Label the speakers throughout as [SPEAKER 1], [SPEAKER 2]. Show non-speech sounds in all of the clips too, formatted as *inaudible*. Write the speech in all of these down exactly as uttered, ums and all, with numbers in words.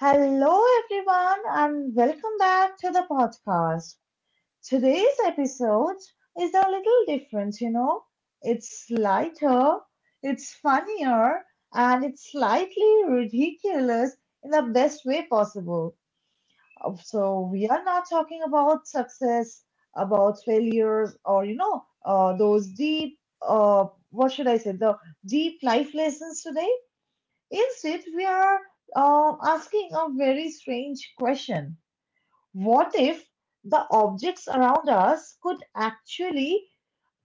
[SPEAKER 1] Hello, everyone, and welcome back to the podcast. Today's episode is a little different, you know. It's lighter, it's funnier, and it's slightly ridiculous in the best way possible. Uh, So, we are not talking about success, about failures, or, you know, uh, those deep, uh, what should I say, the deep life lessons today. Instead, we are uh, asking a very strange question. What if the objects around us could actually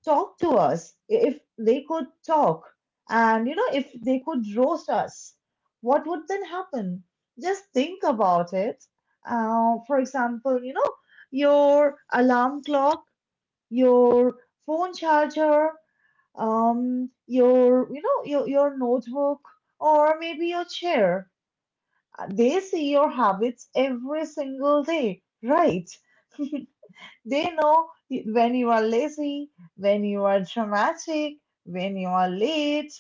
[SPEAKER 1] talk to us? If they could talk, and you know, if they could roast us, what would then happen? Just think about it. Uh, for example, you know, your alarm clock, your phone charger, um, your you know, your your notebook, or maybe your chair. uh, They see your habits every single day, right? They know when you are lazy, when you are dramatic, when you are late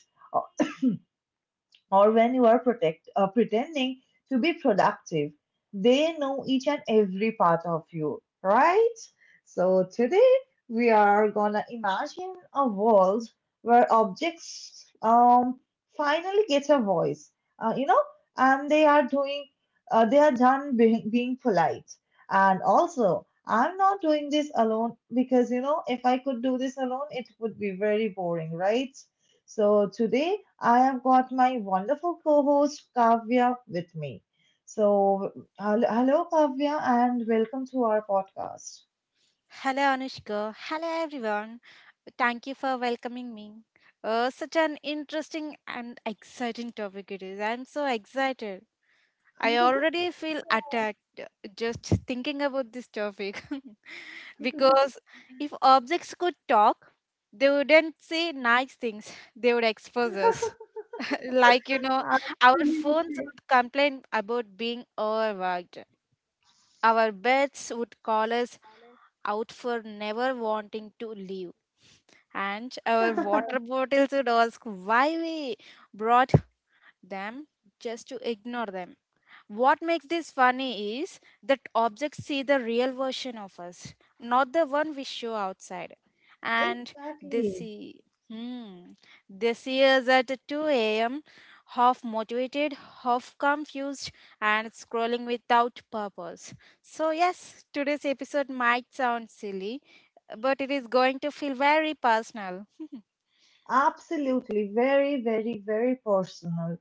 [SPEAKER 1] or when you are protect, uh, pretending to be productive. They know each and every part of you, right? So today we are gonna imagine a world where objects um, finally get a voice, uh, you know, and they are doing, uh, they are done being, being polite. And also, I'm not doing this alone because you know, if I could do this alone, it would be very boring, right? So today I have got my wonderful co-host Kavya with me. So hel- hello, Kavya, and welcome to our podcast.
[SPEAKER 2] Hello, Anushka. Hello, everyone. Thank you for welcoming me. Uh, such an interesting and exciting topic it is. I'm so excited. I already feel attacked just thinking about this topic *laughs* because if objects could talk, they wouldn't say nice things, they would expose us. *laughs* Like, you know, our phones
[SPEAKER 1] Absolutely.
[SPEAKER 2] would complain about being overworked, our beds would call us out for never wanting to leave. And our water
[SPEAKER 1] *laughs*
[SPEAKER 2] bottles would ask why we brought them just to ignore them. What makes this funny is that objects see the real version of us, not the one we show outside. And they
[SPEAKER 1] Exactly.
[SPEAKER 2] see, hmm, they see us at two a m, half motivated, half confused, and scrolling without purpose. So, yes, today's episode might sound silly, but it is going to feel very personal.
[SPEAKER 1] Absolutely. Very, very, very personal.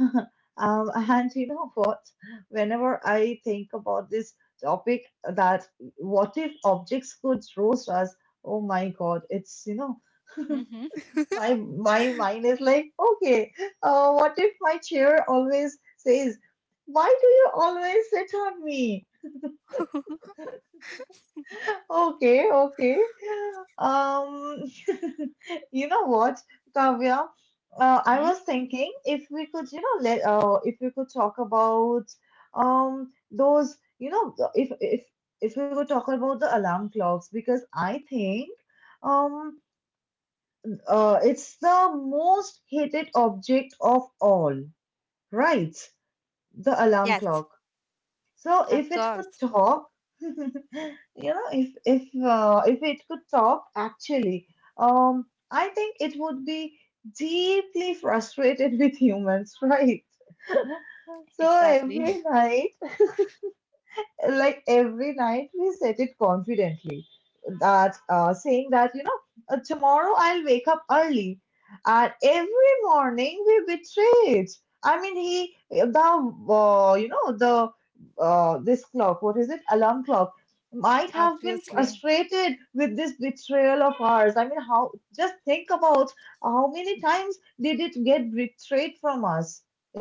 [SPEAKER 1] *laughs* Um, and you know what? Whenever I think about this topic, that what if objects could roast us? Oh my God, it's you know. *laughs*
[SPEAKER 2] Mm-hmm.
[SPEAKER 1] My my mind is like, okay, uh, what if my chair always says, "Why do you always sit on me?" Okay, okay. Um, *laughs* you know what, Kavya? Uh, I
[SPEAKER 2] Mm-hmm.
[SPEAKER 1] was thinking if we could, you know, let uh, if we could talk about um those, you know, the- if if if we could talk about the alarm clocks because I think um uh it's the most hated object of all. Right, the alarm
[SPEAKER 2] Yes,
[SPEAKER 1] clock. So
[SPEAKER 2] of
[SPEAKER 1] if it
[SPEAKER 2] course.
[SPEAKER 1] could talk, *laughs* you know, if if uh, if it could talk, actually, um, I think it would be deeply frustrated *laughs* with humans, right? *laughs* So
[SPEAKER 2] Exactly.
[SPEAKER 1] every night, like every night we said it confidently, that uh, saying that you know uh, tomorrow I'll wake up early, and every morning we betray it. I mean, he the uh, you know, the uh, this clock, what is it, alarm clock, might
[SPEAKER 2] *laughs*
[SPEAKER 1] have been
[SPEAKER 2] Obviously.
[SPEAKER 1] frustrated with this betrayal of ours. I mean, how, just think about how many times did it get betrayed from us,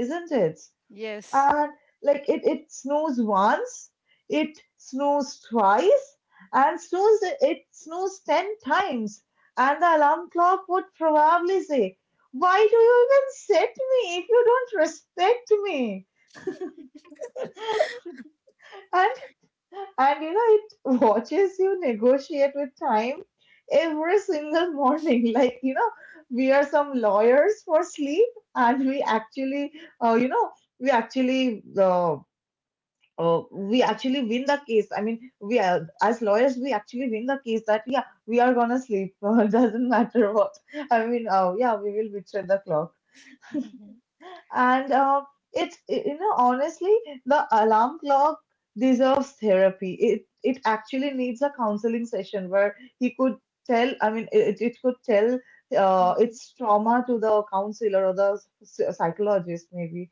[SPEAKER 1] isn't it?
[SPEAKER 2] Yes.
[SPEAKER 1] And like, it it snows once, it snows twice, and snows, it snows ten times, and the alarm clock would probably say, why do you even set me if you don't respect me? and and you know, it watches you negotiate with time every single morning, *laughs* like you know, we are some lawyers for sleep, and we actually uh, you know we actually uh, uh, we actually win the case. I mean, we are as lawyers, we actually win the case that yeah, we are gonna sleep. *laughs* It doesn't matter what. I mean, uh, yeah, we will betray the clock.
[SPEAKER 2] Hmm.
[SPEAKER 1] And uh, it's you know honestly, the alarm clock deserves therapy. It it actually needs a counseling session where he could tell. I mean, it it could tell uh, its trauma to the counselor or the s- psychologist maybe.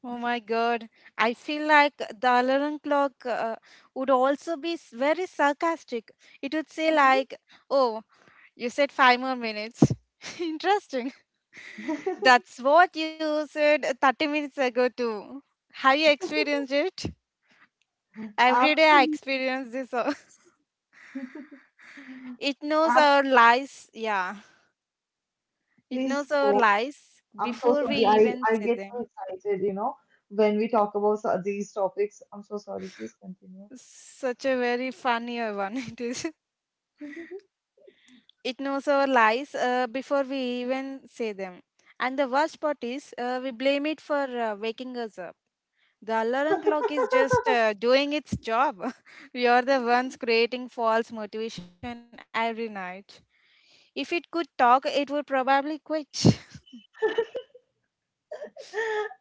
[SPEAKER 2] Oh my God. I feel like the alarm clock uh, would also be s- very sarcastic. It would say
[SPEAKER 1] Mhm.
[SPEAKER 2] like, "Oh, you said five more minutes." *laughs* Interesting.
[SPEAKER 1] *laughs*
[SPEAKER 2] That's what you said thirty minutes ago too. Have you experienced it? Every day I
[SPEAKER 1] Absolutely.
[SPEAKER 2] experience this. uh, *laughs* It knows
[SPEAKER 1] Ab-
[SPEAKER 2] our lies. Yeah. It
[SPEAKER 1] Please
[SPEAKER 2] knows our
[SPEAKER 1] go.
[SPEAKER 2] lies
[SPEAKER 1] I'm so
[SPEAKER 2] before we
[SPEAKER 1] sorry. I,
[SPEAKER 2] even
[SPEAKER 1] I
[SPEAKER 2] say
[SPEAKER 1] get so
[SPEAKER 2] them.
[SPEAKER 1] excited, you know, when we talk about so- these topics. I'm so sorry. Please continue.
[SPEAKER 2] Such a very funny *laughs* one it is.
[SPEAKER 1] *laughs*
[SPEAKER 2] It knows our lies uh, before we even say them. And the worst part is, uh, we blame it for uh, waking us up. The alarm clock is just uh, doing its job. *laughs* We are the ones creating false motivation every night. If it could talk, it would probably quit.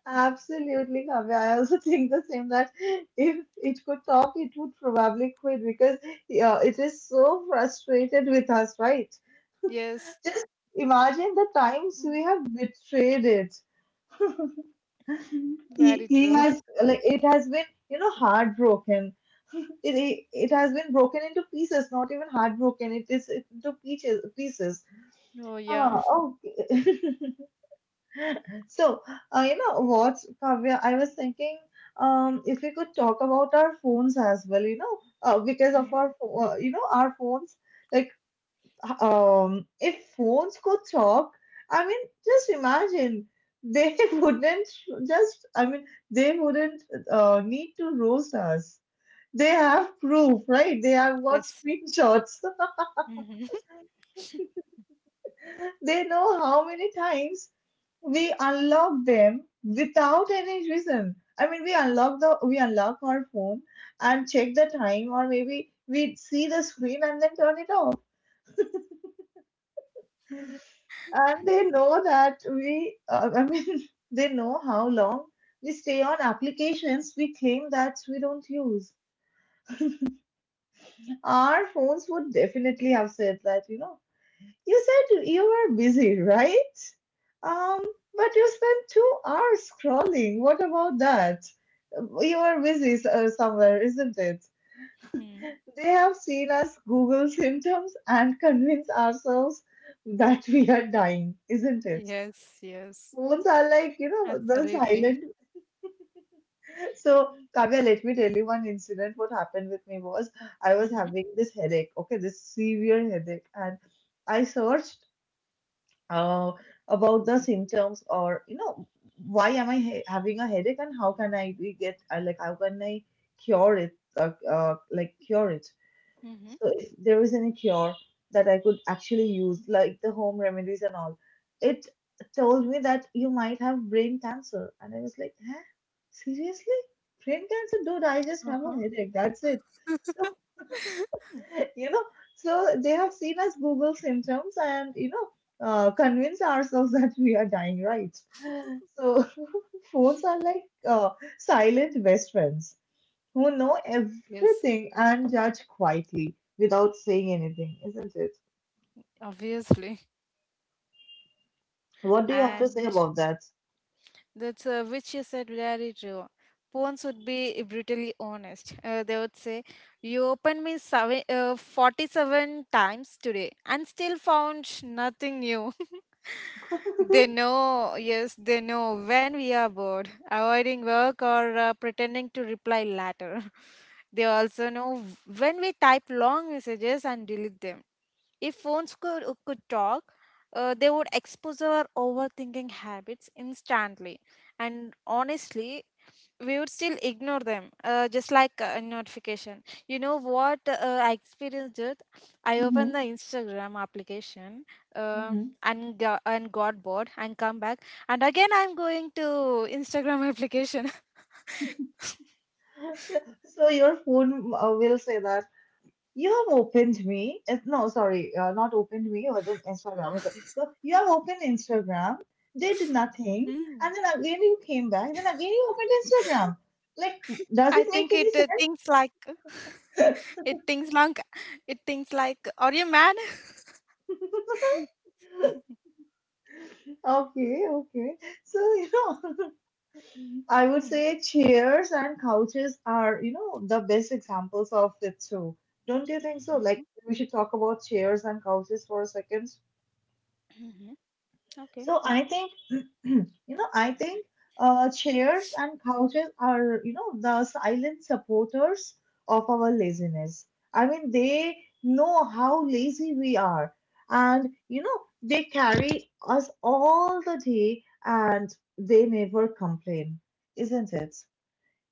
[SPEAKER 1] Absolutely, Kavya. I also *laughs* think the same that if it could talk, it would probably quit because yeah, it is so frustrated with us, right?
[SPEAKER 2] *laughs* Yes,
[SPEAKER 1] Imagine the times
[SPEAKER 2] Mm,
[SPEAKER 1] we have betrayed it. He,
[SPEAKER 2] very
[SPEAKER 1] he
[SPEAKER 2] true.
[SPEAKER 1] has like it has been you know heartbroken. It, it it has been broken into pieces, not even heartbroken. It is into pieces pieces
[SPEAKER 2] Oh,
[SPEAKER 1] Ah,
[SPEAKER 2] yeah.
[SPEAKER 1] okay. *laughs* So, uh, you know what, Kavya, I was thinking, um, if we could talk about our phones as well, you know, uh, because of
[SPEAKER 2] Mm,
[SPEAKER 1] our, pho- uh, you know, our phones, like, h- um, if phones could talk, I mean, just imagine they *laughs* wouldn't just, I mean, they wouldn't uh, need to roast us. They have proof, right? They have got
[SPEAKER 2] yes.
[SPEAKER 1] screenshots. *laughs* They know how many times we unlock them without any reason. I mean, we unlock the we unlock our phone and check the time, or maybe we see the screen and then turn it off.
[SPEAKER 2] Mhm.
[SPEAKER 1] And they know that we, uh, I mean, *laughs* they know how long we stay on applications we claim that we don't use. Our phones would definitely have said that, you know, you said you were busy, right? Um, but you spent two hours scrolling. What about that? You are busy s- uh, somewhere, isn't it?
[SPEAKER 2] *laughs*
[SPEAKER 1] They have seen us Google symptoms and convince ourselves that we are dying, isn't it?
[SPEAKER 2] Yes, yes,
[SPEAKER 1] Phones are like, you know, the
[SPEAKER 2] absolutely.
[SPEAKER 1] silent. So, Kavya, let me tell you one incident. What happened with me was I was
[SPEAKER 2] Mm-hmm.
[SPEAKER 1] having this headache, okay, this severe headache, and I searched uh, about the symptoms, or you know, why am I ha- having a headache, and how can i be get uh, like how can I cure it uh, uh, like cure it,
[SPEAKER 2] Mm-hmm.
[SPEAKER 1] so if there is any cure that I could actually use, like the home remedies and all. It told me that you might have brain cancer, and I was like, huh, seriously, brain cancer, dude? I just have
[SPEAKER 2] Uh-huh.
[SPEAKER 1] a headache, that's it. So
[SPEAKER 2] *laughs*
[SPEAKER 1] *laughs* you know, so they have seen us Google symptoms and you know uh, convince ourselves *laughs* that we are dying, right? So *laughs* phones are like uh, silent best friends who know
[SPEAKER 2] Yes,
[SPEAKER 1] everything and judge quietly without saying anything, isn't it?
[SPEAKER 2] obviously.
[SPEAKER 1] What do you have to say
[SPEAKER 2] And
[SPEAKER 1] about that?
[SPEAKER 2] that's uh, which you said very true. Phones would be brutally honest. Uh, they would say, You opened me seven, uh, forty-seven times today and still found nothing new.
[SPEAKER 1] *laughs*
[SPEAKER 2] They
[SPEAKER 1] Hmm.
[SPEAKER 2] know, yes, they know when we are bored, avoiding work or uh, pretending to reply later. *laughs* They also know when we type long messages and delete them. If phones could, uh, could talk, uh, they would expose our overthinking habits instantly. And honestly, we would still ignore them, uh, just like a notification. You know what uh, I experienced it? I opened the Instagram application uh,
[SPEAKER 1] Hmm.
[SPEAKER 2] and, go- and got bored and come back. And again, I'm going to Instagram application. *laughs*
[SPEAKER 1] So your phone uh, will say that, you have opened me. eh, No, sorry, uh, not opened me. It Was it Instagram? Okay. So you have opened Instagram, did
[SPEAKER 2] Hmm.
[SPEAKER 1] nothing, and then again you came back. Then again you opened Instagram. Like,
[SPEAKER 2] I think it
[SPEAKER 1] does
[SPEAKER 2] uh,
[SPEAKER 1] it make
[SPEAKER 2] thinks
[SPEAKER 1] any
[SPEAKER 2] like. It
[SPEAKER 1] sense?
[SPEAKER 2] thinks like it thinks like, "Are you mad?" *laughs*
[SPEAKER 1] *laughs* Okay, okay. So, you know, *laughs*
[SPEAKER 2] Mm,
[SPEAKER 1] I would say chairs and couches are, you know, the best examples of it too. Do Don't you think
[SPEAKER 2] mhm.
[SPEAKER 1] so? Like, we should talk about chairs and couches for a second.
[SPEAKER 2] Mhm. Okay.
[SPEAKER 1] So I think, *clears throat* you know, I think uh, chairs and couches are, you know, the silent supporters of our laziness. I mean, they know how lazy we are, and you know, they carry us all the day, and they never complain, isn't it?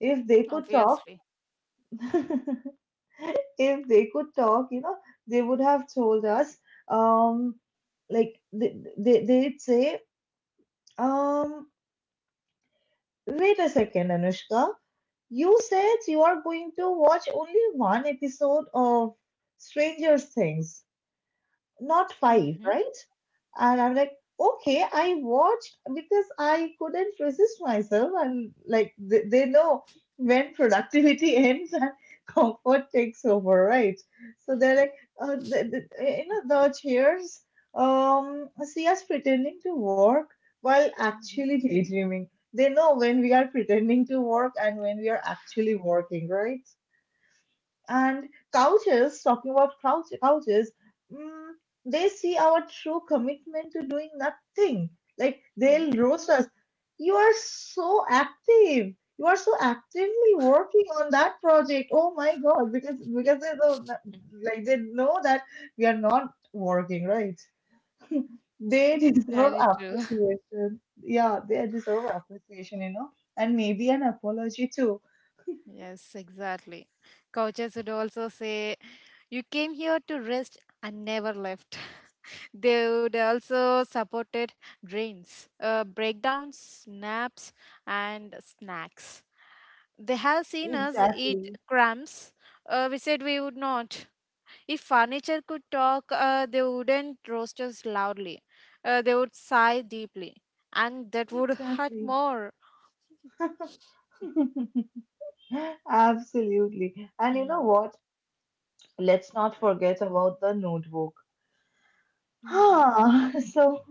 [SPEAKER 1] If they could talk,
[SPEAKER 2] Obviously.
[SPEAKER 1] *laughs* if they could talk, you know, they would have told us, um, like they, they they'd say, um. Wait a second, Anushka. You said you are going to watch only one episode of Stranger Things, not five,
[SPEAKER 2] Mhm.
[SPEAKER 1] right? And I'm like, okay, I watched because I couldn't resist myself. And like, they, they know when productivity *laughs* ends and comfort takes over, right? So they're like, uh, the, the, you know, the chairs um, see us pretending to work while
[SPEAKER 2] Mhm.
[SPEAKER 1] actually daydreaming. They know when we are pretending to work and when we are actually working, right? And couches, talking about couch, couches, mm, they see our true commitment to doing nothing. Like
[SPEAKER 2] Mhm.
[SPEAKER 1] they'll roast us. You are so active. You are so actively working on that project. Oh my God! Because because they know, like they know that we are not working, right? They deserve
[SPEAKER 2] Very true. *laughs*
[SPEAKER 1] appreciation. Yeah, they deserve appreciation, you know, and maybe an apology too.
[SPEAKER 2] Yes, exactly. Coaches would also say, You came here to rest and never left. *laughs* They would also supported dreams, uh, breakdowns, naps, and snacks. They have seen us eat
[SPEAKER 1] Exactly.
[SPEAKER 2] crumbs. Uh, we said we would not. If furniture could talk, uh, they wouldn't roast us loudly. Uh, they would sigh deeply, and that would hurt
[SPEAKER 1] Exactly.
[SPEAKER 2] more.
[SPEAKER 1] *laughs* Absolutely. And you know
[SPEAKER 2] Mm.
[SPEAKER 1] what? Let's not forget about the notebook.
[SPEAKER 2] Mm-hmm.
[SPEAKER 1] Ah, *laughs* so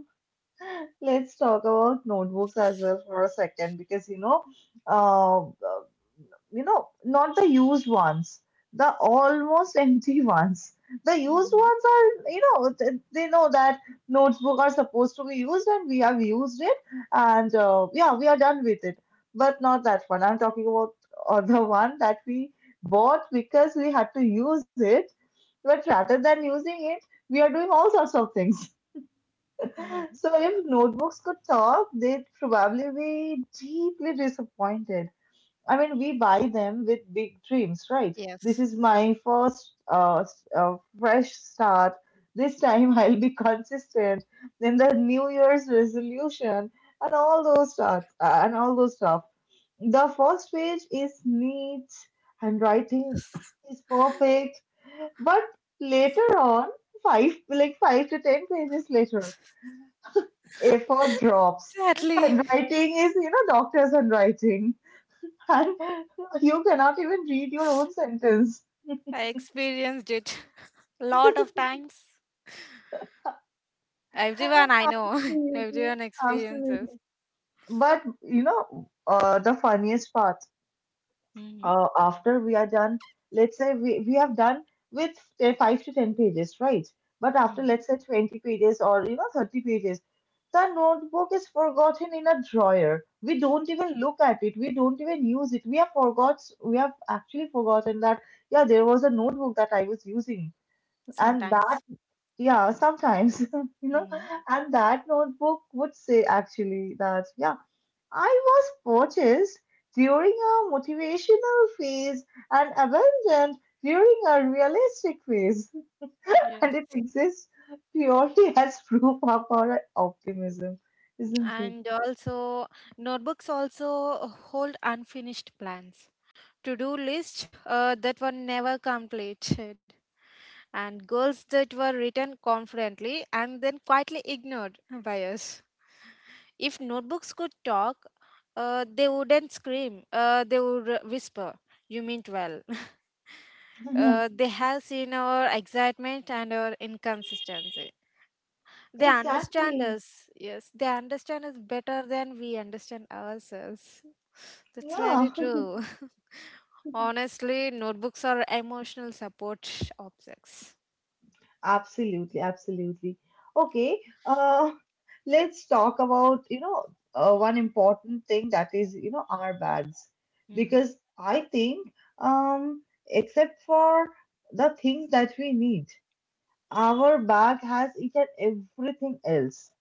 [SPEAKER 1] let's talk about notebooks as well for a second because you know, uh, you know, not the used ones, the almost empty *laughs* ones. The used
[SPEAKER 2] Mm-hmm.
[SPEAKER 1] ones are, you know, th- they know that notebook are supposed to be used and we have used it, and uh, yeah, we are done with it. But not that one. I'm talking about *laughs* uh, the one that we bought because we had to use it. But rather than using it, we are doing all sorts of things. *laughs*
[SPEAKER 2] Hmm.
[SPEAKER 1] So if notebooks could talk, they'd probably be deeply disappointed. I mean, we buy them with big dreams, right? This
[SPEAKER 2] Yes.
[SPEAKER 1] is my first uh, s- uh, fresh start. This time *laughs* I'll be consistent. Then the New Year's resolution and all those stuff, uh, and all those stuff. The first page is neat and writing *clears throat* is perfect, but later on, five like five to ten pages later, effort
[SPEAKER 2] *laughs*
[SPEAKER 1] drops.
[SPEAKER 2] Sadly,
[SPEAKER 1] Handwriting is you know doctor's handwriting, and *laughs* you cannot even read your own sentence.
[SPEAKER 2] I experienced it *laughs* a lot of times. Everyone I know, *laughs*
[SPEAKER 1] Absolutely,
[SPEAKER 2] everyone experiences
[SPEAKER 1] absolutely. But you know, uh, the funniest part,
[SPEAKER 2] hmm
[SPEAKER 1] uh, after we are done, let's say we, we have done with say, five to ten pages, right? But after
[SPEAKER 2] hmm
[SPEAKER 1] let's say twenty pages or you know thirty pages, the notebook is forgotten in a drawer. We don't even look at it. We don't even use it. We have forgot. We have actually forgotten that yeah, there was a notebook that I was using, and that
[SPEAKER 2] sometimes.
[SPEAKER 1] Yeah, sometimes, *laughs* you know,
[SPEAKER 2] Mm.
[SPEAKER 1] and that notebook would say actually that, yeah, I was purchased during a motivational phase and abandoned during a realistic phase. *laughs*
[SPEAKER 2] Yes.
[SPEAKER 1] And it exists purely *laughs* as proof of our optimism, isn't
[SPEAKER 2] And also, notebooks also hold unfinished plans, to do lists uh, that were never completed, and goals that were written confidently and then quietly ignored by us. If notebooks could talk, uh, they wouldn't scream, uh, they would uh, whisper, You meant well. *laughs*
[SPEAKER 1] it?
[SPEAKER 2] Uh, they have seen our excitement and our inconsistency.
[SPEAKER 1] *laughs*
[SPEAKER 2] They understand
[SPEAKER 1] Exactly.
[SPEAKER 2] us. Yes, they understand us better than we understand ourselves. That's
[SPEAKER 1] Yeah.
[SPEAKER 2] very
[SPEAKER 1] *laughs*
[SPEAKER 2] true. *laughs* Honestly, notebooks are emotional support objects.
[SPEAKER 1] Absolutely, absolutely. Okay, uh, let's talk about, you know, uh, one important thing that is, you know, our bads.
[SPEAKER 2] Mm-hmm.
[SPEAKER 1] Because I think, um, except for the things that we need, our bag has eaten everything else.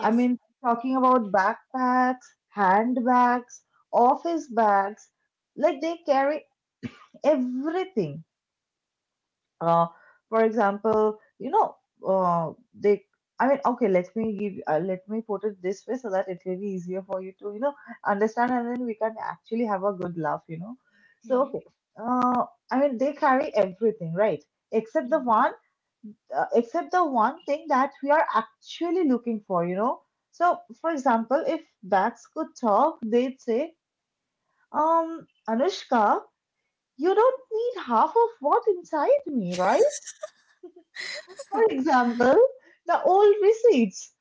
[SPEAKER 1] I mean, talking about backpacks, handbags, office bags, like they carry everything uh, for example, you know, uh, they. I mean, okay. Let me give. Uh, let me put it this way, so that it will be easier for you to, you know, understand, and then we can actually have a good laugh. You know. So
[SPEAKER 2] Mm-hmm.
[SPEAKER 1] okay. Uh, I mean, they carry everything, right? Except the
[SPEAKER 2] Mm-hmm.
[SPEAKER 1] one, uh, except the one thing that we are actually looking for. You know. So, for example, if bags could talk, they'd say, um, Anushka, you don't need half of what inside me, right? For
[SPEAKER 2] *laughs*
[SPEAKER 1] example, the old receipts.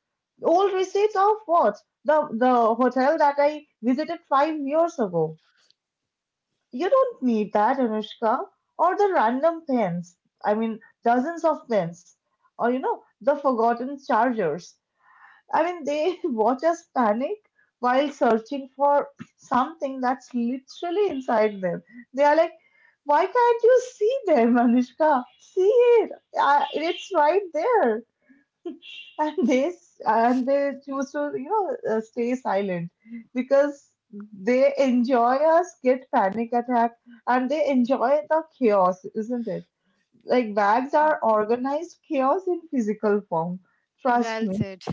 [SPEAKER 1] Old receipts of what? The the hotel that I visited five years ago. You don't need that, Anushka. Or the random pens. I mean, dozens of pens. Or you know, the forgotten chargers. I mean, they *laughs* watch us panic while searching for *clears throat* something that's literally inside them. They are like, why can't you see them, Anushka? See it. I, it's right there and they s- and they choose to you know uh, stay silent because they enjoy us get panic attack and they enjoy the chaos, isn't it? Like bags are
[SPEAKER 2] Mm-hmm.
[SPEAKER 1] organized chaos in physical form, trust
[SPEAKER 2] Well
[SPEAKER 1] me.
[SPEAKER 2] said.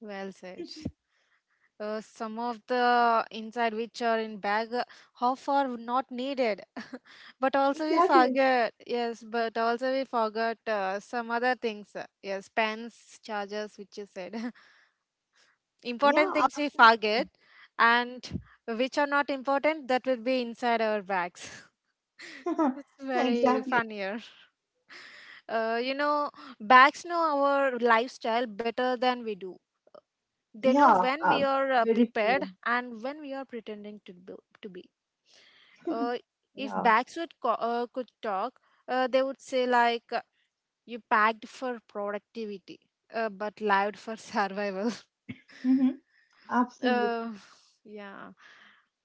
[SPEAKER 2] Well said. Uh, some of the inside which are in bag, uh, how far not needed. But also we
[SPEAKER 1] Exactly.
[SPEAKER 2] forget. Yes, but also we forgot uh, some other things. uh, Yes, pens, chargers, which you said. *laughs* Important
[SPEAKER 1] Yeah,
[SPEAKER 2] things we forget, and which are not important that will be inside our bags. *laughs*
[SPEAKER 1] absolutely.
[SPEAKER 2] It's
[SPEAKER 1] *laughs*
[SPEAKER 2] very
[SPEAKER 1] Exactly.
[SPEAKER 2] funnier. Uh, you know, Bags know our lifestyle better than we do. They know
[SPEAKER 1] Yeah,
[SPEAKER 2] when we
[SPEAKER 1] uh,
[SPEAKER 2] are uh,
[SPEAKER 1] very
[SPEAKER 2] prepared
[SPEAKER 1] true.
[SPEAKER 2] and when we are pretending to be. To be. Uh,
[SPEAKER 1] *laughs*
[SPEAKER 2] if
[SPEAKER 1] Yeah.
[SPEAKER 2] bags would co- uh, could talk, uh, they would say like, uh, "You packed for productivity, uh, but lived for *laughs* survival."
[SPEAKER 1] Hmm, absolutely.
[SPEAKER 2] Uh, yeah.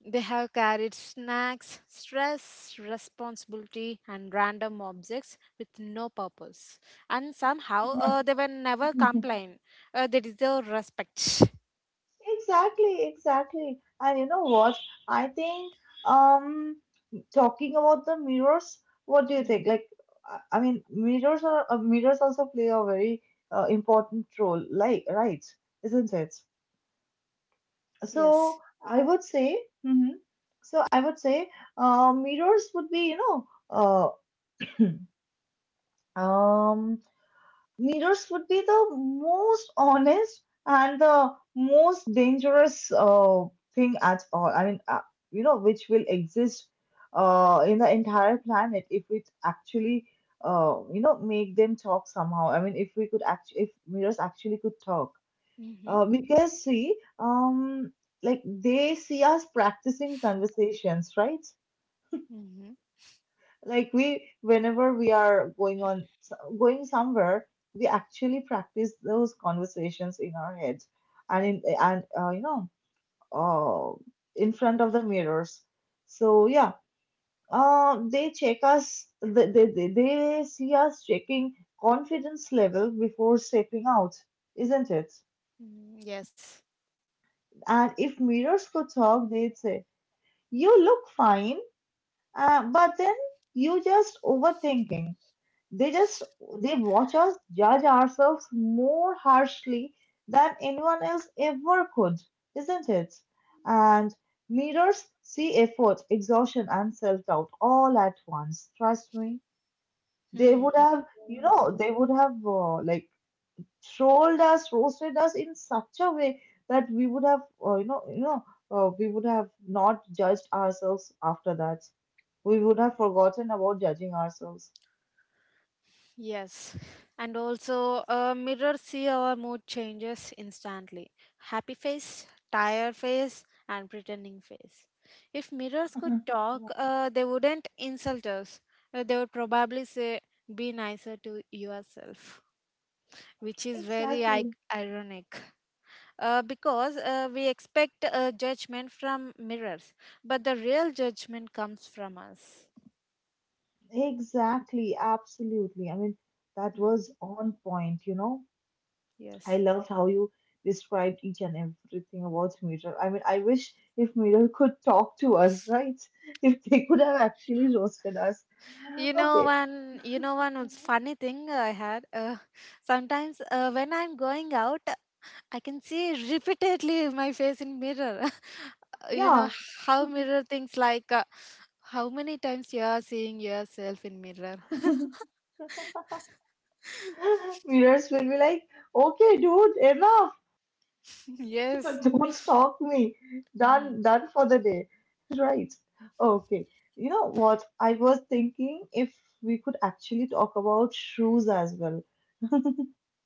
[SPEAKER 2] They have carried snacks, stress, responsibility, and random objects with no purpose. And somehow uh, they were never
[SPEAKER 1] *laughs*
[SPEAKER 2] complain. Uh, they deserve respect.
[SPEAKER 1] Exactly, exactly. And you know what? I think um talking about the mirrors, what do you think?
[SPEAKER 2] Hmm.
[SPEAKER 1] Like I I mean mirrors are uh, mirrors also play a very uh, important role, like right, isn't it?
[SPEAKER 2] Yes.
[SPEAKER 1] So I would say mhm. So I would say uh, mirrors would be, you know, uh, um Mirrors would be the most honest and the most dangerous uh, thing at all. I mean, uh, you know, which will exist uh, in the entire planet if it actually, uh, you know, make them talk somehow. I mean, if we could act, if mirrors actually could talk,
[SPEAKER 2] Mm-hmm.
[SPEAKER 1] uh, because see, um, like they see us practicing conversations, right?
[SPEAKER 2] Mm-hmm.
[SPEAKER 1] Like we, whenever we are going on going somewhere, we actually practice those conversations in our heads, and in and uh, you know, uh, in front of the mirrors. So yeah, uh, they check us. They, they they they see us checking confidence level before stepping out, isn't it?
[SPEAKER 2] Yes.
[SPEAKER 1] And if mirrors could talk, they'd say, "You look fine, uh, but then you just overthinking." They just they watch us judge ourselves more harshly than anyone else ever could, isn't it? And mirrors see effort, exhaustion, and self-doubt all at once. Trust me, they
[SPEAKER 2] Hmm.
[SPEAKER 1] would have, you
[SPEAKER 2] Yes.
[SPEAKER 1] know, they would have uh, like trolled us, roasted us in such a way that we would have, uh, you know, you know, uh, we would have not judged ourselves after that. We would have forgotten about judging ourselves.
[SPEAKER 2] Yes, and also uh, mirrors see our mood changes instantly. Happy face, tired face, and pretending face. If mirrors could
[SPEAKER 1] *laughs*
[SPEAKER 2] talk, uh, they wouldn't insult us. Uh, they would probably say, "Be nicer to yourself," which is very I-
[SPEAKER 1] Exactly.
[SPEAKER 2] ironic. Uh, because uh, we expect uh, judgment from mirrors, but the real judgment comes from us.
[SPEAKER 1] Exactly, absolutely. I mean, that
[SPEAKER 2] Mm,
[SPEAKER 1] was on point, you know. I
[SPEAKER 2] yes.
[SPEAKER 1] loved how you described each and everything about Mirror. I mean, I wish if Mirror could talk to us, right? *laughs* If they could have actually roasted us.
[SPEAKER 2] You know
[SPEAKER 1] Okay,
[SPEAKER 2] one, you know one was funny thing I had. Uh, sometimes uh, when I'm going out, I can see repeatedly my face in mirror. *laughs* You know
[SPEAKER 1] yeah.
[SPEAKER 2] how mirror things like uh, how many times you are seeing yourself in mirror.
[SPEAKER 1] *laughs* Mirrors will be like, okay, dude, enough.
[SPEAKER 2] *laughs* Yes.
[SPEAKER 1] *laughs* Don't stalk me.
[SPEAKER 2] Mm,
[SPEAKER 1] Done, done for the day. Right. Okay. You know what? I was thinking if we could actually talk about shoes as well. *laughs*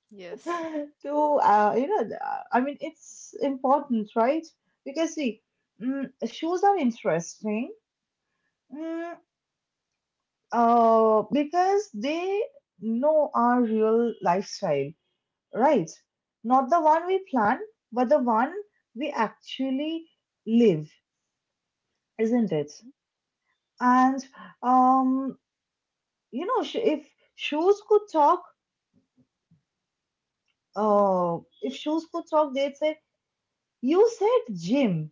[SPEAKER 2] yes.
[SPEAKER 1] To uh, you know, uh, I mean, it's important, right? Because see, mm, shoes are interesting. Mm, uh, because they know our real lifestyle, right? Not the one we plan, but the one we actually live, isn't it? And um, you know, sh- if shoes could talk,
[SPEAKER 2] Mm,
[SPEAKER 1] uh, if shoes could talk, they'd say, "You said gym,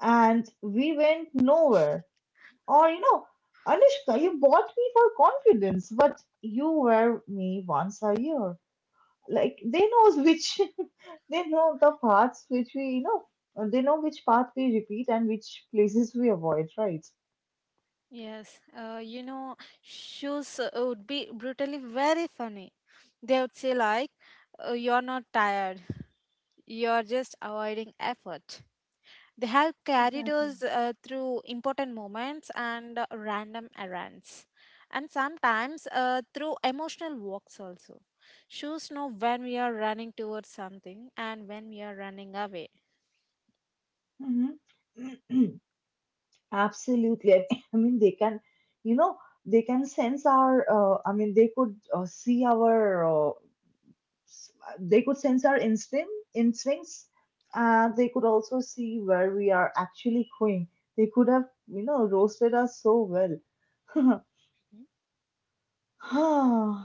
[SPEAKER 1] and we went nowhere." Or you know, Anushka, you bought me for confidence, but you wear me once a year. Like they knows which, *laughs* they know the parts which we, you know, they know which part we repeat and which places we avoid, right?
[SPEAKER 2] yes. Uh, you know shoes uh, would be brutally very funny. They would say like, uh, "You're not tired. You're just avoiding effort." They have carried
[SPEAKER 1] Exactly.
[SPEAKER 2] us uh, through important moments and uh, random errands, and sometimes uh, through emotional walks also. Shoes know when we are running towards something and when we are running away.
[SPEAKER 1] Mm-hmm. *clears throat* Absolutely. I *laughs* I mean, they can, you know, they can sense our, uh, I mean, they could uh, see our, uh, s- they could sense our instinct, instincts, and they could also see where we are actually going. They could have, you know, roasted us so well. *sighs*
[SPEAKER 2] Mhm.
[SPEAKER 1] *laughs*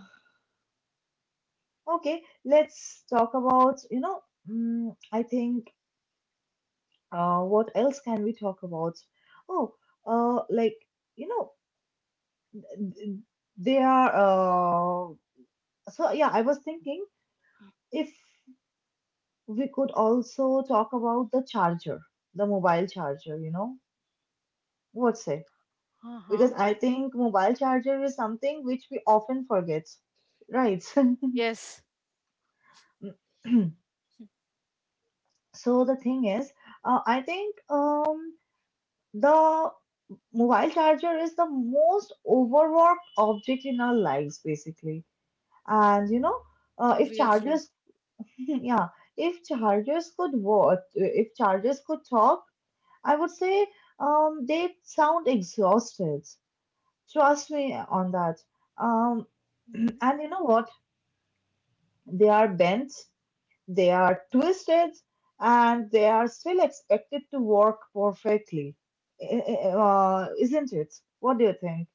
[SPEAKER 1] Okay, let's talk about, you know, mm, I think, uh, what else can we talk about? Oh, uh, like, you know, th- they are uh, so yeah, I was thinking if we could also talk about the charger, the mobile charger, you know, what say?
[SPEAKER 2] Uh huh.
[SPEAKER 1] Because I think mobile charger is something which we often forget, right? *laughs*
[SPEAKER 2] Yes,
[SPEAKER 1] *clears throat* So the thing is, uh, I think um, the mobile charger is the most overworked object in our lives, basically. And you know, uh, if
[SPEAKER 2] obviously.
[SPEAKER 1] chargers, *laughs* yeah, if chargers could work, if chargers could talk, I would say um, they sound exhausted. Trust me on that. Um,
[SPEAKER 2] Mhm.
[SPEAKER 1] and you know what? They are bent, they are twisted, and they are still expected to work perfectly. Eh, eh, eh, Uh, isn't it? What do you think?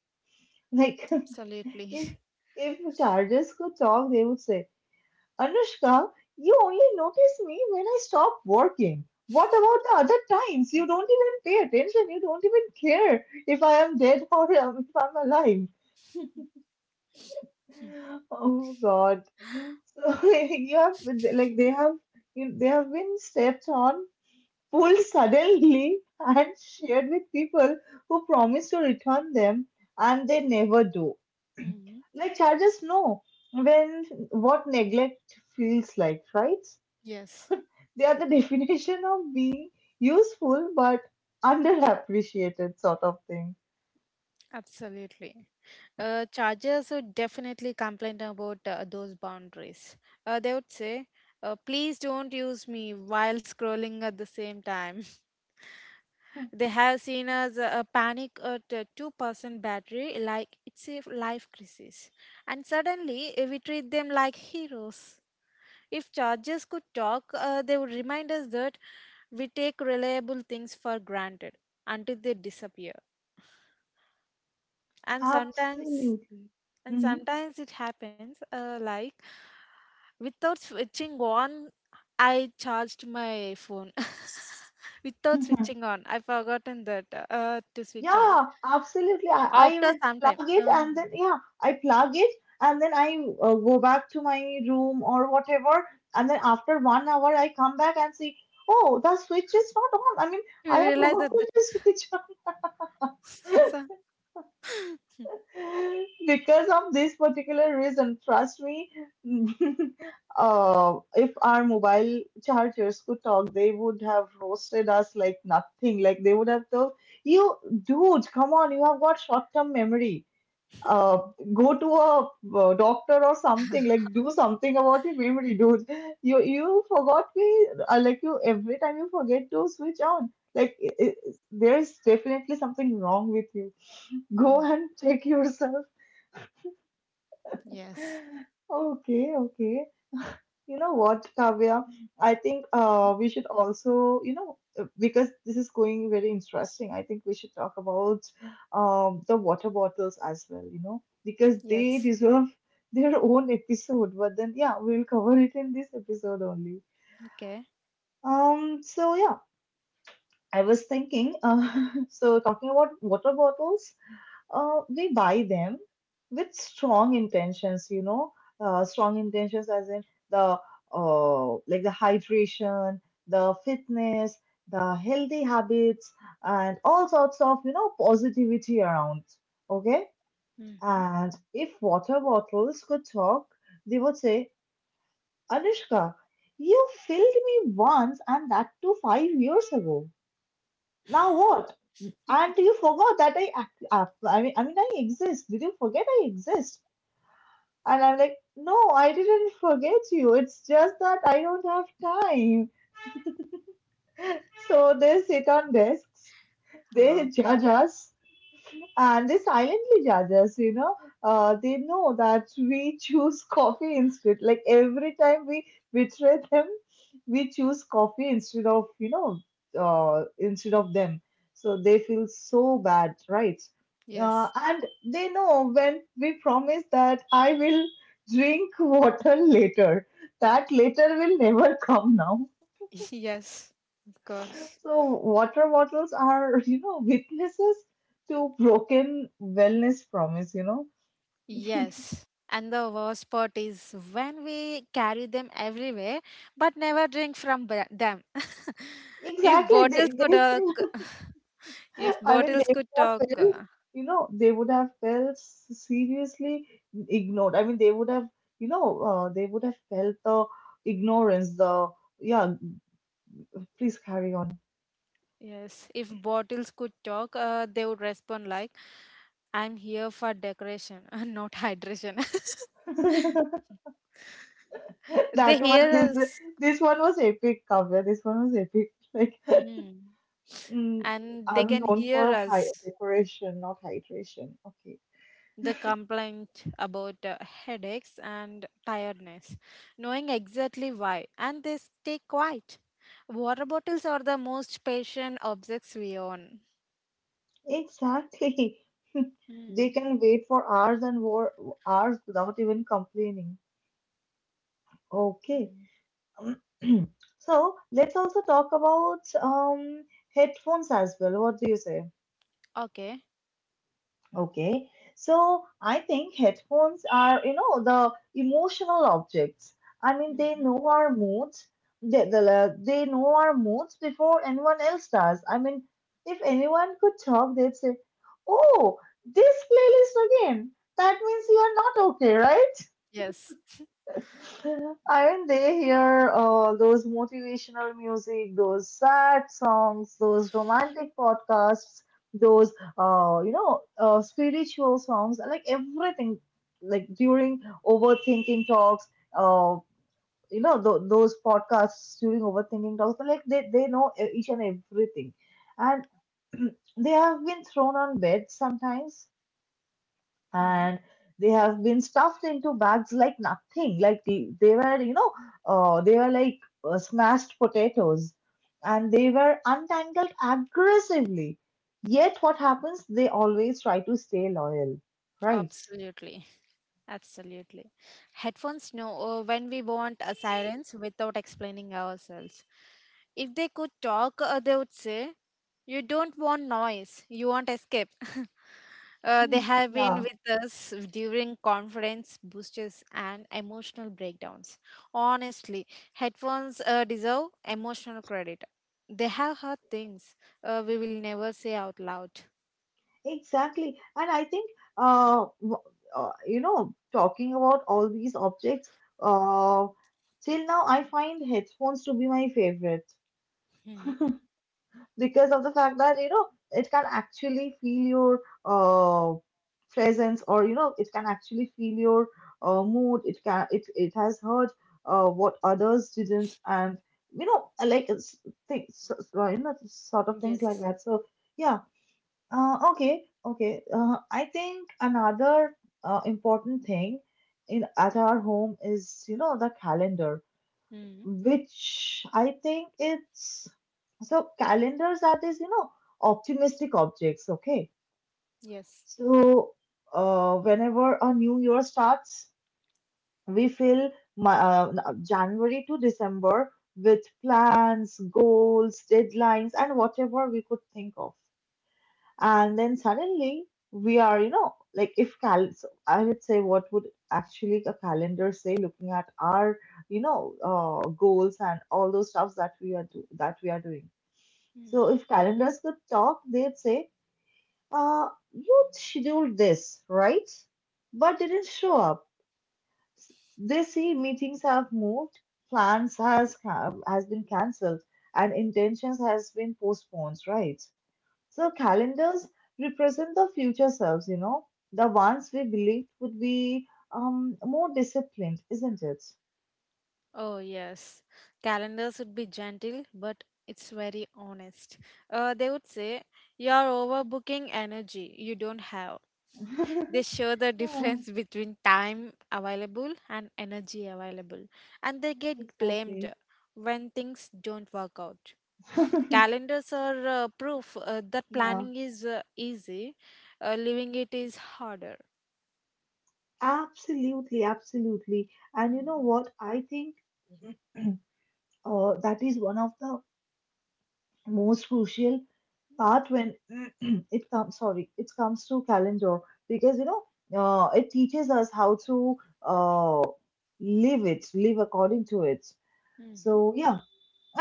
[SPEAKER 1] Like, *laughs*
[SPEAKER 2] Absolutely.
[SPEAKER 1] if if charges could talk, they would say, Anushka, you only notice me when I stop working. What about the other times? You
[SPEAKER 2] *laughs*
[SPEAKER 1] don't even pay attention. You don't even care if I am dead *laughs* or um, if I'm alive. Oh God. So *laughs* you have like they have you, they have been stepped on, pulled suddenly, *laughs* and shared with people who promise to return them, and they never do.
[SPEAKER 2] Hmm.
[SPEAKER 1] Like charges, know When what neglect feels like, right?
[SPEAKER 2] Yes.
[SPEAKER 1] They are the *laughs* definition of being useful but underappreciated, sort of thing.
[SPEAKER 2] Absolutely. Uh, Chargers would definitely complain about uh, those boundaries. Uh, they would say, uh, please don't use me while scrolling at the same time.
[SPEAKER 1] Hmm.
[SPEAKER 2] *laughs* They have seen us uh, panic at a two percent battery like it's a life crisis. And suddenly uh, we treat them like heroes. If Chargers could talk, uh, they would remind us that we take reliable things for granted until they disappear. And sometimes
[SPEAKER 1] Absolutely.
[SPEAKER 2] And
[SPEAKER 1] Mhm.
[SPEAKER 2] sometimes it happens, uh, like without switching on, I charged my phone. *laughs* Without switching on, I forgotten that uh, to switch on.
[SPEAKER 1] Yeah, absolutely. I, I
[SPEAKER 2] After
[SPEAKER 1] even
[SPEAKER 2] some time,
[SPEAKER 1] plug it
[SPEAKER 2] uh,
[SPEAKER 1] and then, yeah, I plug it and then I uh, go back to my room or whatever. And then after one hour, I come back and see, oh, the switch is not on. I mean,
[SPEAKER 2] you
[SPEAKER 1] I have
[SPEAKER 2] realize that.
[SPEAKER 1] forgotten
[SPEAKER 2] that
[SPEAKER 1] *laughs* to switch on
[SPEAKER 2] *laughs* So.
[SPEAKER 1] *laughs* because of this particular reason. Trust me, *laughs* uh, if our mobile chargers could talk, they would have roasted us like nothing. Like they would have told, you, dude, come on, you have got short-term memory uh, go to a uh, doctor or something, like do something about it, we will do it. you you forgot me, uh, like you every time you forget to switch on like i i there is definitely something wrong with you, go
[SPEAKER 2] Mm,
[SPEAKER 1] and check yourself.
[SPEAKER 2] yes.
[SPEAKER 1] *laughs* Okay, okay, you know what, Kavya? I think
[SPEAKER 2] Mm.
[SPEAKER 1] uh, we should also, you know, uh, because this is going very interesting, I think we should talk about um, the water bottles as well, you know, because they
[SPEAKER 2] Yes.
[SPEAKER 1] deserve *laughs* their own episode. But then, yeah, we'll cover it in this episode only.
[SPEAKER 2] Okay.
[SPEAKER 1] Um, so yeah, I was thinking, uh, *laughs* so talking about water bottles, uh, we buy them with strong intentions, you know, uh, strong intentions as in the uh, like the hydration, the fitness, the healthy habits, and all sorts of you know positivity around. Okay,
[SPEAKER 2] Hmm.
[SPEAKER 1] and if water bottles could talk, they would say, Anushka, you filled me once, and that too five years ago. Now what? And you forgot that I act, uh, I mean, I mean, I exist. Did you forget I exist? And I'm like, no, I didn't forget you. It's just that I don't have time. So they sit on desks, they
[SPEAKER 2] Uh,
[SPEAKER 1] judge us, and they silently judge us, you know. Uh, they know that we choose coffee instead. Like every time we betray them, we choose coffee instead of, you know, uh, instead of them. So they feel so bad, right? Uh,
[SPEAKER 2] Yes.
[SPEAKER 1] and they know when we promise that I will drink *laughs* water later, that later will never come now.
[SPEAKER 2] *laughs* Yes. Of course.
[SPEAKER 1] So water bottles are, *laughs* you know, witnesses to broken wellness promise, you know.
[SPEAKER 2] Yes. And the worst part is when we carry them everywhere but never drink from ba- them. *laughs* if
[SPEAKER 1] Exactly.
[SPEAKER 2] bottles
[SPEAKER 1] They,
[SPEAKER 2] could
[SPEAKER 1] they
[SPEAKER 2] uh,
[SPEAKER 1] feel,
[SPEAKER 2] c- *sighs* *laughs* If
[SPEAKER 1] *laughs* I mean, they
[SPEAKER 2] bottles could
[SPEAKER 1] would
[SPEAKER 2] talk,
[SPEAKER 1] have felt,
[SPEAKER 2] uh,
[SPEAKER 1] you know, they would have felt seriously ignored. I mean, they would have, you know, uh, they would have felt the ignorance, the, yeah, please carry on.
[SPEAKER 2] yes, if bottles could talk uh, they would respond like, "I'm here for decoration *laughs* not hydration."
[SPEAKER 1] *laughs*
[SPEAKER 2] *laughs* They
[SPEAKER 1] That one,
[SPEAKER 2] hear
[SPEAKER 1] this,
[SPEAKER 2] us.
[SPEAKER 1] this one was epic, Kavya. This one was epic. Like,
[SPEAKER 2] Hmm.
[SPEAKER 1] mm,
[SPEAKER 2] And they
[SPEAKER 1] I'm
[SPEAKER 2] can
[SPEAKER 1] known
[SPEAKER 2] hear
[SPEAKER 1] for high
[SPEAKER 2] us
[SPEAKER 1] decoration, not hydration. Okay.
[SPEAKER 2] the complaint about uh, headaches and tiredness, knowing exactly why, and they stay quiet. Water bottles are the most patient objects we own.
[SPEAKER 1] Exactly. *laughs* They
[SPEAKER 2] Mm.
[SPEAKER 1] can wait for hours and war- hours without even complaining. Okay.
[SPEAKER 2] Mm.
[SPEAKER 1] Um, *clears throat* So let's also talk about um headphones as well. What do you say?
[SPEAKER 2] Okay.
[SPEAKER 1] Okay, so I think headphones are, you know, the emotional objects. I mean, they
[SPEAKER 2] Hmm.
[SPEAKER 1] know our moods. They, they, they know our moods before anyone else does. I mean, if anyone could talk, they'd say, "Oh, this playlist again. That means you are not okay, right?"
[SPEAKER 2] Yes.
[SPEAKER 1] Aren't they here? Uh, those motivational music, those sad songs, those romantic podcasts, those uh, you know, uh, spiritual songs, like everything, like during overthinking talks, uh, you know, th- those podcasts during overthinking talks, like they, they know e- each and everything. And *clears throat* they have been thrown on bed sometimes and
[SPEAKER 2] *laughs*
[SPEAKER 1] they have been stuffed into bags like nothing like the, they were you know uh, they were like uh, smashed potatoes, and they were untangled aggressively, yet what happens, they always try to stay loyal, right?
[SPEAKER 2] Absolutely. Absolutely. Headphones know uh, when we want a silence without explaining ourselves. If they could talk, uh, they would say, You don't want noise, you want escape. *laughs* Uh, they
[SPEAKER 1] Hmm.
[SPEAKER 2] have been
[SPEAKER 1] Yeah.
[SPEAKER 2] with us during conference boosters and emotional breakdowns. Honestly, headphones uh, deserve emotional credit. They have heard things uh, we will never say out loud.
[SPEAKER 1] Exactly. And I think, uh, w- uh, you know, talking about all these objects, uh, till now I find headphones to be my favorite,
[SPEAKER 2] Hmm.
[SPEAKER 1] because of the fact that you know it can actually feel your uh, presence, or you know it can actually feel your uh, mood. It can it, it has heard uh, what others didn't. And you know, I like it's things so- so, you know, sort of things like
[SPEAKER 2] Yes.
[SPEAKER 1] that. So yeah, uh, okay, okay, uh, I think another uh, important thing in at our home is, you know, the calendar,
[SPEAKER 2] Hmm.
[SPEAKER 1] which I think it's, so calendars are these, you know, optimistic objects, okay?
[SPEAKER 2] Yes.
[SPEAKER 1] So uh, whenever a new year starts, we fill my, uh, January to December with plans, goals, deadlines, and whatever we could think of, and then suddenly we are, you know, like if cal so I would say, what would actually a calendar say looking at our, you know, uh, goals and all those stuffs that we are do- that we are doing. So
[SPEAKER 2] Mhm.
[SPEAKER 1] if calendars could talk, they'd say, uh, you scheduled this right, but didn't show up. They see meetings have moved, plans has ca- has been cancelled, and intentions has been postponed, right? So calendars represent the future selves, you know, the ones we believed would be, um, more disciplined, isn't it?
[SPEAKER 2] Oh, yes. Calendars would be gentle, but it's very honest. Uh, they would say, You're overbooking energy you don't have. They
[SPEAKER 1] *laughs*
[SPEAKER 2] show the
[SPEAKER 1] Yeah,
[SPEAKER 2] difference *laughs* between time available and energy available, and they get blamed
[SPEAKER 1] exactly.
[SPEAKER 2] when things don't work out.
[SPEAKER 1] *laughs*
[SPEAKER 2] Calendars are uh, proof uh, that
[SPEAKER 1] Yeah,
[SPEAKER 2] planning is uh, easy, uh, living it is harder.
[SPEAKER 1] absolutely, absolutely. And you know what? I think *clears throat* uh, that is one of the most crucial part when *clears throat* it comes, sorry, it comes to calendar, because you know, uh, it teaches us how to uh, live it, live according to it.
[SPEAKER 2] Hmm.
[SPEAKER 1] So yeah,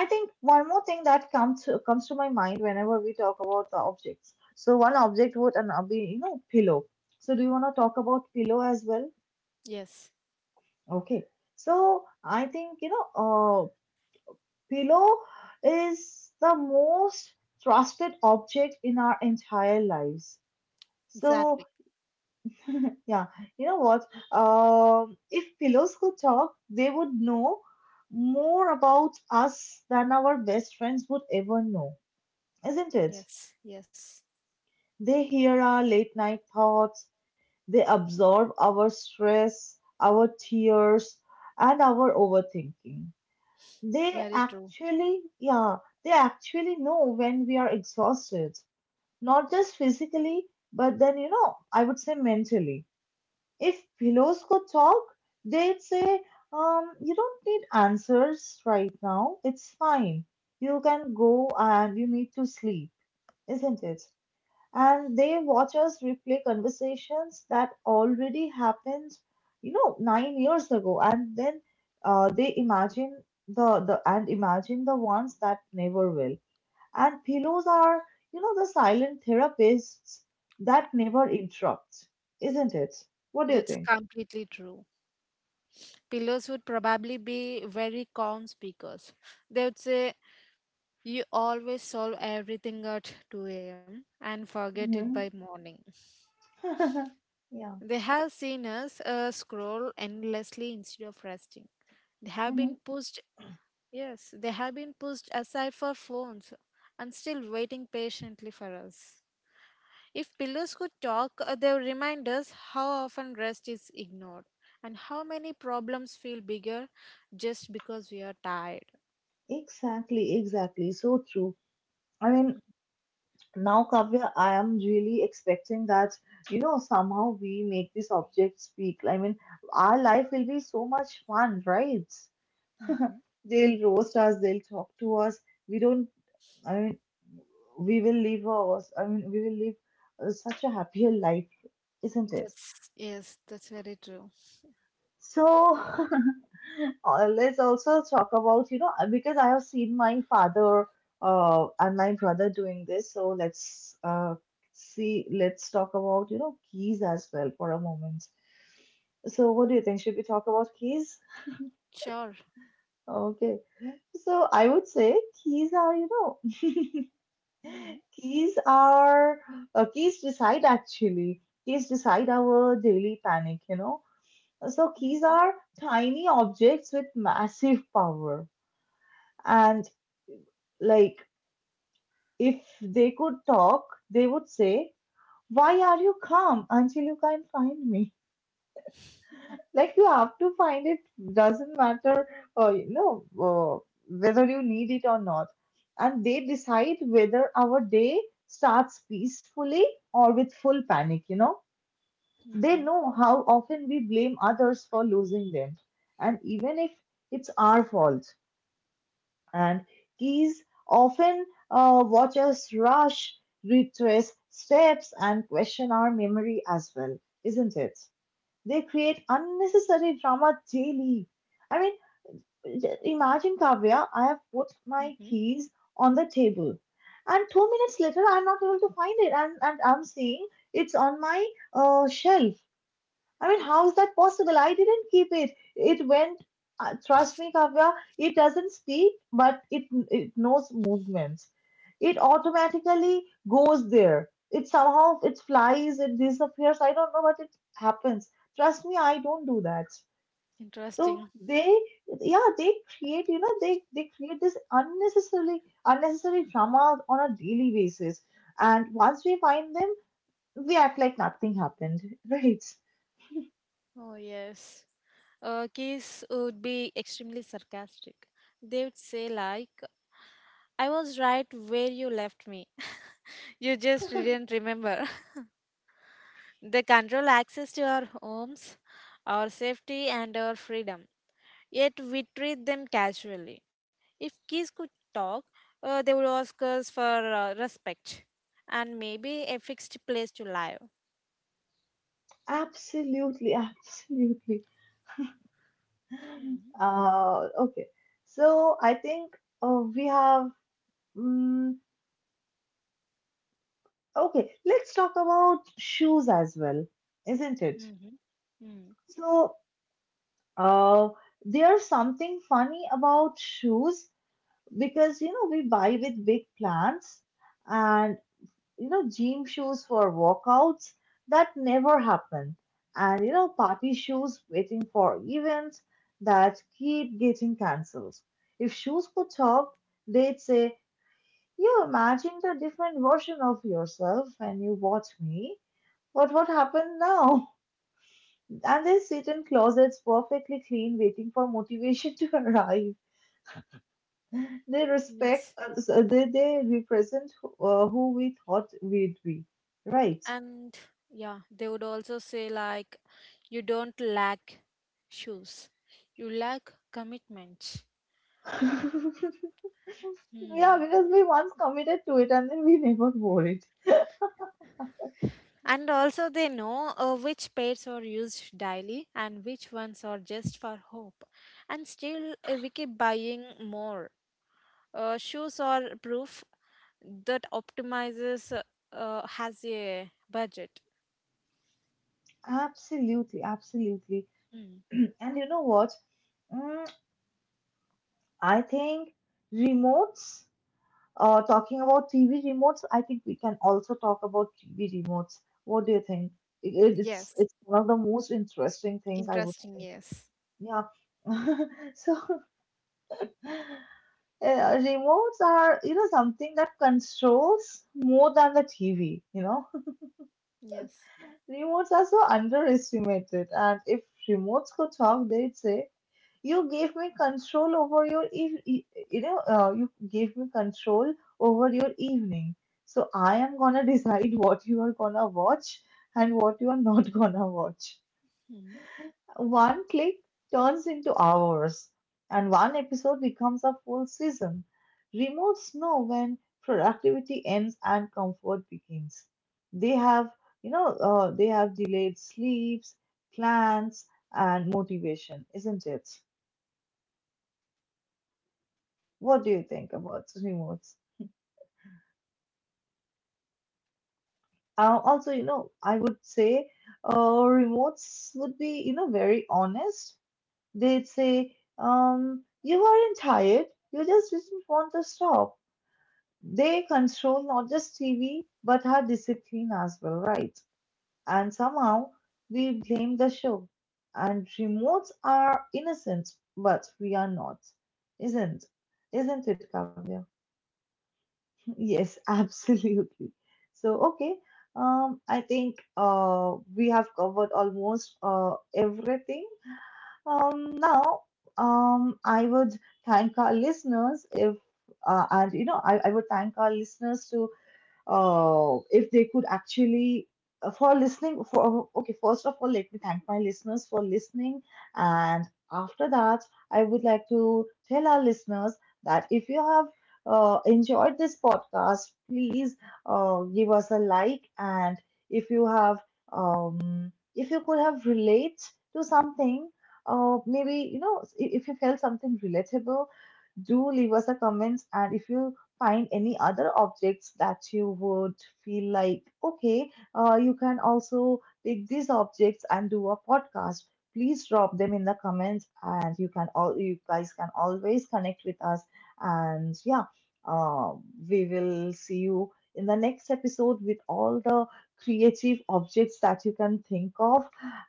[SPEAKER 1] I think one more thing that comes to, comes to my mind whenever we talk about the objects. So one object would an be, you know, pillow. So do you want to talk about pillow as well?
[SPEAKER 2] Yes,
[SPEAKER 1] Okay. So I think, you know, uh, pillow is the most trusted object in our entire lives. So
[SPEAKER 2] exactly.
[SPEAKER 1] yeah, you know what? Um, if pillows could talk, they would know more about us than our best friends would ever know, isn't it?
[SPEAKER 2] Yes, yes.
[SPEAKER 1] They hear our late night thoughts, they absorb our stress, our tears, and our overthinking. They
[SPEAKER 2] Very true.
[SPEAKER 1] actually, yeah, they actually know when we are exhausted, not just physically, but then, you know, I would say mentally. If pillows could talk, they'd say, um, you don't need answers right now. It's fine. You can go and you need to sleep, isn't it? And they watch us replay conversations that already happened, you know, nine years ago. And then uh, they imagine the, the and imagine the ones that never will. And pillows are, you know, the silent therapists that never interrupt, isn't it? What do you
[SPEAKER 2] That's
[SPEAKER 1] think?
[SPEAKER 2] completely true. Pillows would probably be very calm speakers. They would say, You always solve everything at two a m and forget it
[SPEAKER 1] Hmm.
[SPEAKER 2] by morning.
[SPEAKER 1] *laughs* Yeah.
[SPEAKER 2] They have seen us uh, scroll endlessly instead of resting. They have
[SPEAKER 1] Hmm.
[SPEAKER 2] been pushed, yes, they have been pushed aside for phones and still waiting patiently for us. If pillars could talk, uh, they would remind us how often rest is ignored and how many problems feel bigger just because we are tired.
[SPEAKER 1] Exactly, exactly, so true. I mean, now, Kavya, I am really expecting that, you know, somehow we make this object speak. I mean, our life will be so much fun, right?
[SPEAKER 2] Mm-hmm.
[SPEAKER 1] They'll roast us, they'll talk to us. We don't, I mean, we will live us, I mean, We will live uh, such a happier life, isn't it?
[SPEAKER 2] That's, yes, that's very true.
[SPEAKER 1] So *laughs* uh, let's also talk about, you know, uh, because I have seen my father uh, and my brother doing this. So let's uh, see, let's talk about, you know, keys as well for a moment. So what do you think? Should we talk about keys?
[SPEAKER 2] Sure.
[SPEAKER 1] Okay. So I would say keys are, you know,
[SPEAKER 2] Mm-hmm.
[SPEAKER 1] keys are, uh, keys decide actually. Keys decide our daily panic, you know. So keys
[SPEAKER 2] Mm-hmm.
[SPEAKER 1] are tiny objects with massive power. And like, if they could talk, they would say, why are you calm until you can find me? *laughs* Like, you have to find it, doesn't matter, uh, you know, uh, whether you need it or not. And they decide whether our day starts peacefully or with full panic, you know. They
[SPEAKER 2] Mm-hmm.
[SPEAKER 1] know how often we blame others for losing them. And even if it's our fault. And geese often uh, watch us rush, retrace steps, and question our memory as well, isn't it? They create unnecessary drama daily. I mean, j- imagine, Kavya, I have put my
[SPEAKER 2] Mm-hmm.
[SPEAKER 1] keys on the table, and two minutes later, I'm not able to find it, and, and I'm seeing it's on my uh, shelf. I mean, how is that possible? I didn't keep it. It went. Uh, trust me, Kavya. It doesn't speak, but it it knows movements. It automatically goes there. It somehow it flies. It disappears. I don't know what it happens. Trust me, I don't do that. So
[SPEAKER 2] Interesting.
[SPEAKER 1] they, yeah, they create. You know, they they create this unnecessarily unnecessary drama on a daily basis. And once we find them, we act like nothing happened, *laughs* right?
[SPEAKER 2] Oh, yes. Uh, kids would be extremely sarcastic. They would say, like, I was right where you left me. *laughs* You just didn't remember. They control access to our homes, our safety, and our freedom. Yet we treat them casually. If kids could talk, uh, they would ask us for uh, respect and maybe a fixed place to live.
[SPEAKER 1] Absolutely, *laughs* absolutely.
[SPEAKER 2] Mm-hmm.
[SPEAKER 1] Uh, okay, so I think uh, we have. Um, okay, let's talk about shoes as well, isn't it?
[SPEAKER 2] Mm-hmm. Mm.
[SPEAKER 1] So, uh, there's something funny about shoes, because you know we buy with big plans, and you know, gym shoes for workouts that never happen, and you know, party shoes waiting for events that keep getting cancelled. If shoes could talk, they'd say, you imagined a different version of yourself when you bought me. But what happened now? And they sit in closets perfectly clean, waiting for motivation to *laughs* arrive. They respect
[SPEAKER 2] Yes.
[SPEAKER 1] us, uh, they, they represent uh, who we thought we'd be, right?
[SPEAKER 2] And yeah, they would also say, like, you don't lack shoes, you lack commitment.
[SPEAKER 1] *laughs* Yeah,
[SPEAKER 2] Hmm.
[SPEAKER 1] because we once committed to it and then we never wore it.
[SPEAKER 2] And also, they know uh, which pairs are used daily and which ones are just for hope. And still, uh, we keep buying more. Uh, shoes are proof that optimizes uh, uh, has a budget.
[SPEAKER 1] Absolutely, absolutely.
[SPEAKER 2] Mm.
[SPEAKER 1] *clears throat* And you know what? Mm, I think remotes, uh, talking about T V remotes, I think we can also talk about T V remotes. What do you think? It, it's
[SPEAKER 2] Yes.
[SPEAKER 1] it's one of the most interesting things I would,
[SPEAKER 2] Interesting. Yes.
[SPEAKER 1] yeah. *laughs* So, uh, remotes are, you know, something that controls more than the T V, you know?
[SPEAKER 2] Yes.
[SPEAKER 1] Remotes are so underestimated, and if remotes could talk, they'd say, "You gave me control over your eve- e- you know, uh, you gave me control over your evening, so I am gonna *laughs* decide what you are gonna watch and what you are not gonna watch." One click turns into hours, and one episode becomes a full season. Remotes know when productivity ends and comfort begins. They have, you know, uh, they have delayed sleeps, plans, and motivation, isn't it?
[SPEAKER 2] Mm-hmm. Yes. Uh,
[SPEAKER 1] What
[SPEAKER 2] remotes
[SPEAKER 1] do
[SPEAKER 2] would
[SPEAKER 1] you
[SPEAKER 2] be
[SPEAKER 1] think about
[SPEAKER 2] honest.
[SPEAKER 1] remotes?
[SPEAKER 2] Uh, that will be very
[SPEAKER 1] Uh,
[SPEAKER 2] honest.
[SPEAKER 1] also, you
[SPEAKER 2] Uh,
[SPEAKER 1] know,
[SPEAKER 2] they
[SPEAKER 1] I
[SPEAKER 2] would
[SPEAKER 1] would
[SPEAKER 2] say.
[SPEAKER 1] say uh, remotes would be, you know, very honest. They'd say,
[SPEAKER 2] Mm-hmm.
[SPEAKER 1] um, you aren't tired, you just didn't want to stop. They control not just T V, but our discipline as well, right? And somehow we blame the show. And remotes are innocent, but we are not. Isn't? Isn't it, Kavya? *laughs* Yes, absolutely. So, okay. Um, I think uh, we have covered almost uh, everything. Um, now, um, I would thank our listeners if, uh, and you know, I, I would thank our listeners to uh, if they could actually uh, for listening for okay, first of all, let me thank my listeners for listening. And after that, I would like to tell our listeners that if you have uh, enjoyed this podcast, please uh, give us a like. And if you have, um, if you could have relate to something, uh, maybe you know, i- if you felt something relatable, do leave us a comments. And if you find any other objects that you would feel like okay, uh, you can also take these objects and do a podcast, please drop them in the comments. And you can all you guys can always connect with us. And yeah, uh, we will see you in the next episode with all the creative objects that you can think of.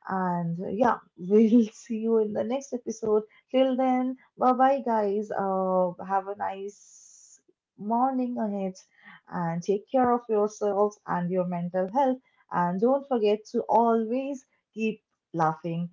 [SPEAKER 1] And uh, yeah, *laughs* we'll see you in the next episode. Till then, bye bye, guys. Uh, have a nice morning ahead, and take care of yourselves and your mental health. And don't forget to always keep laughing.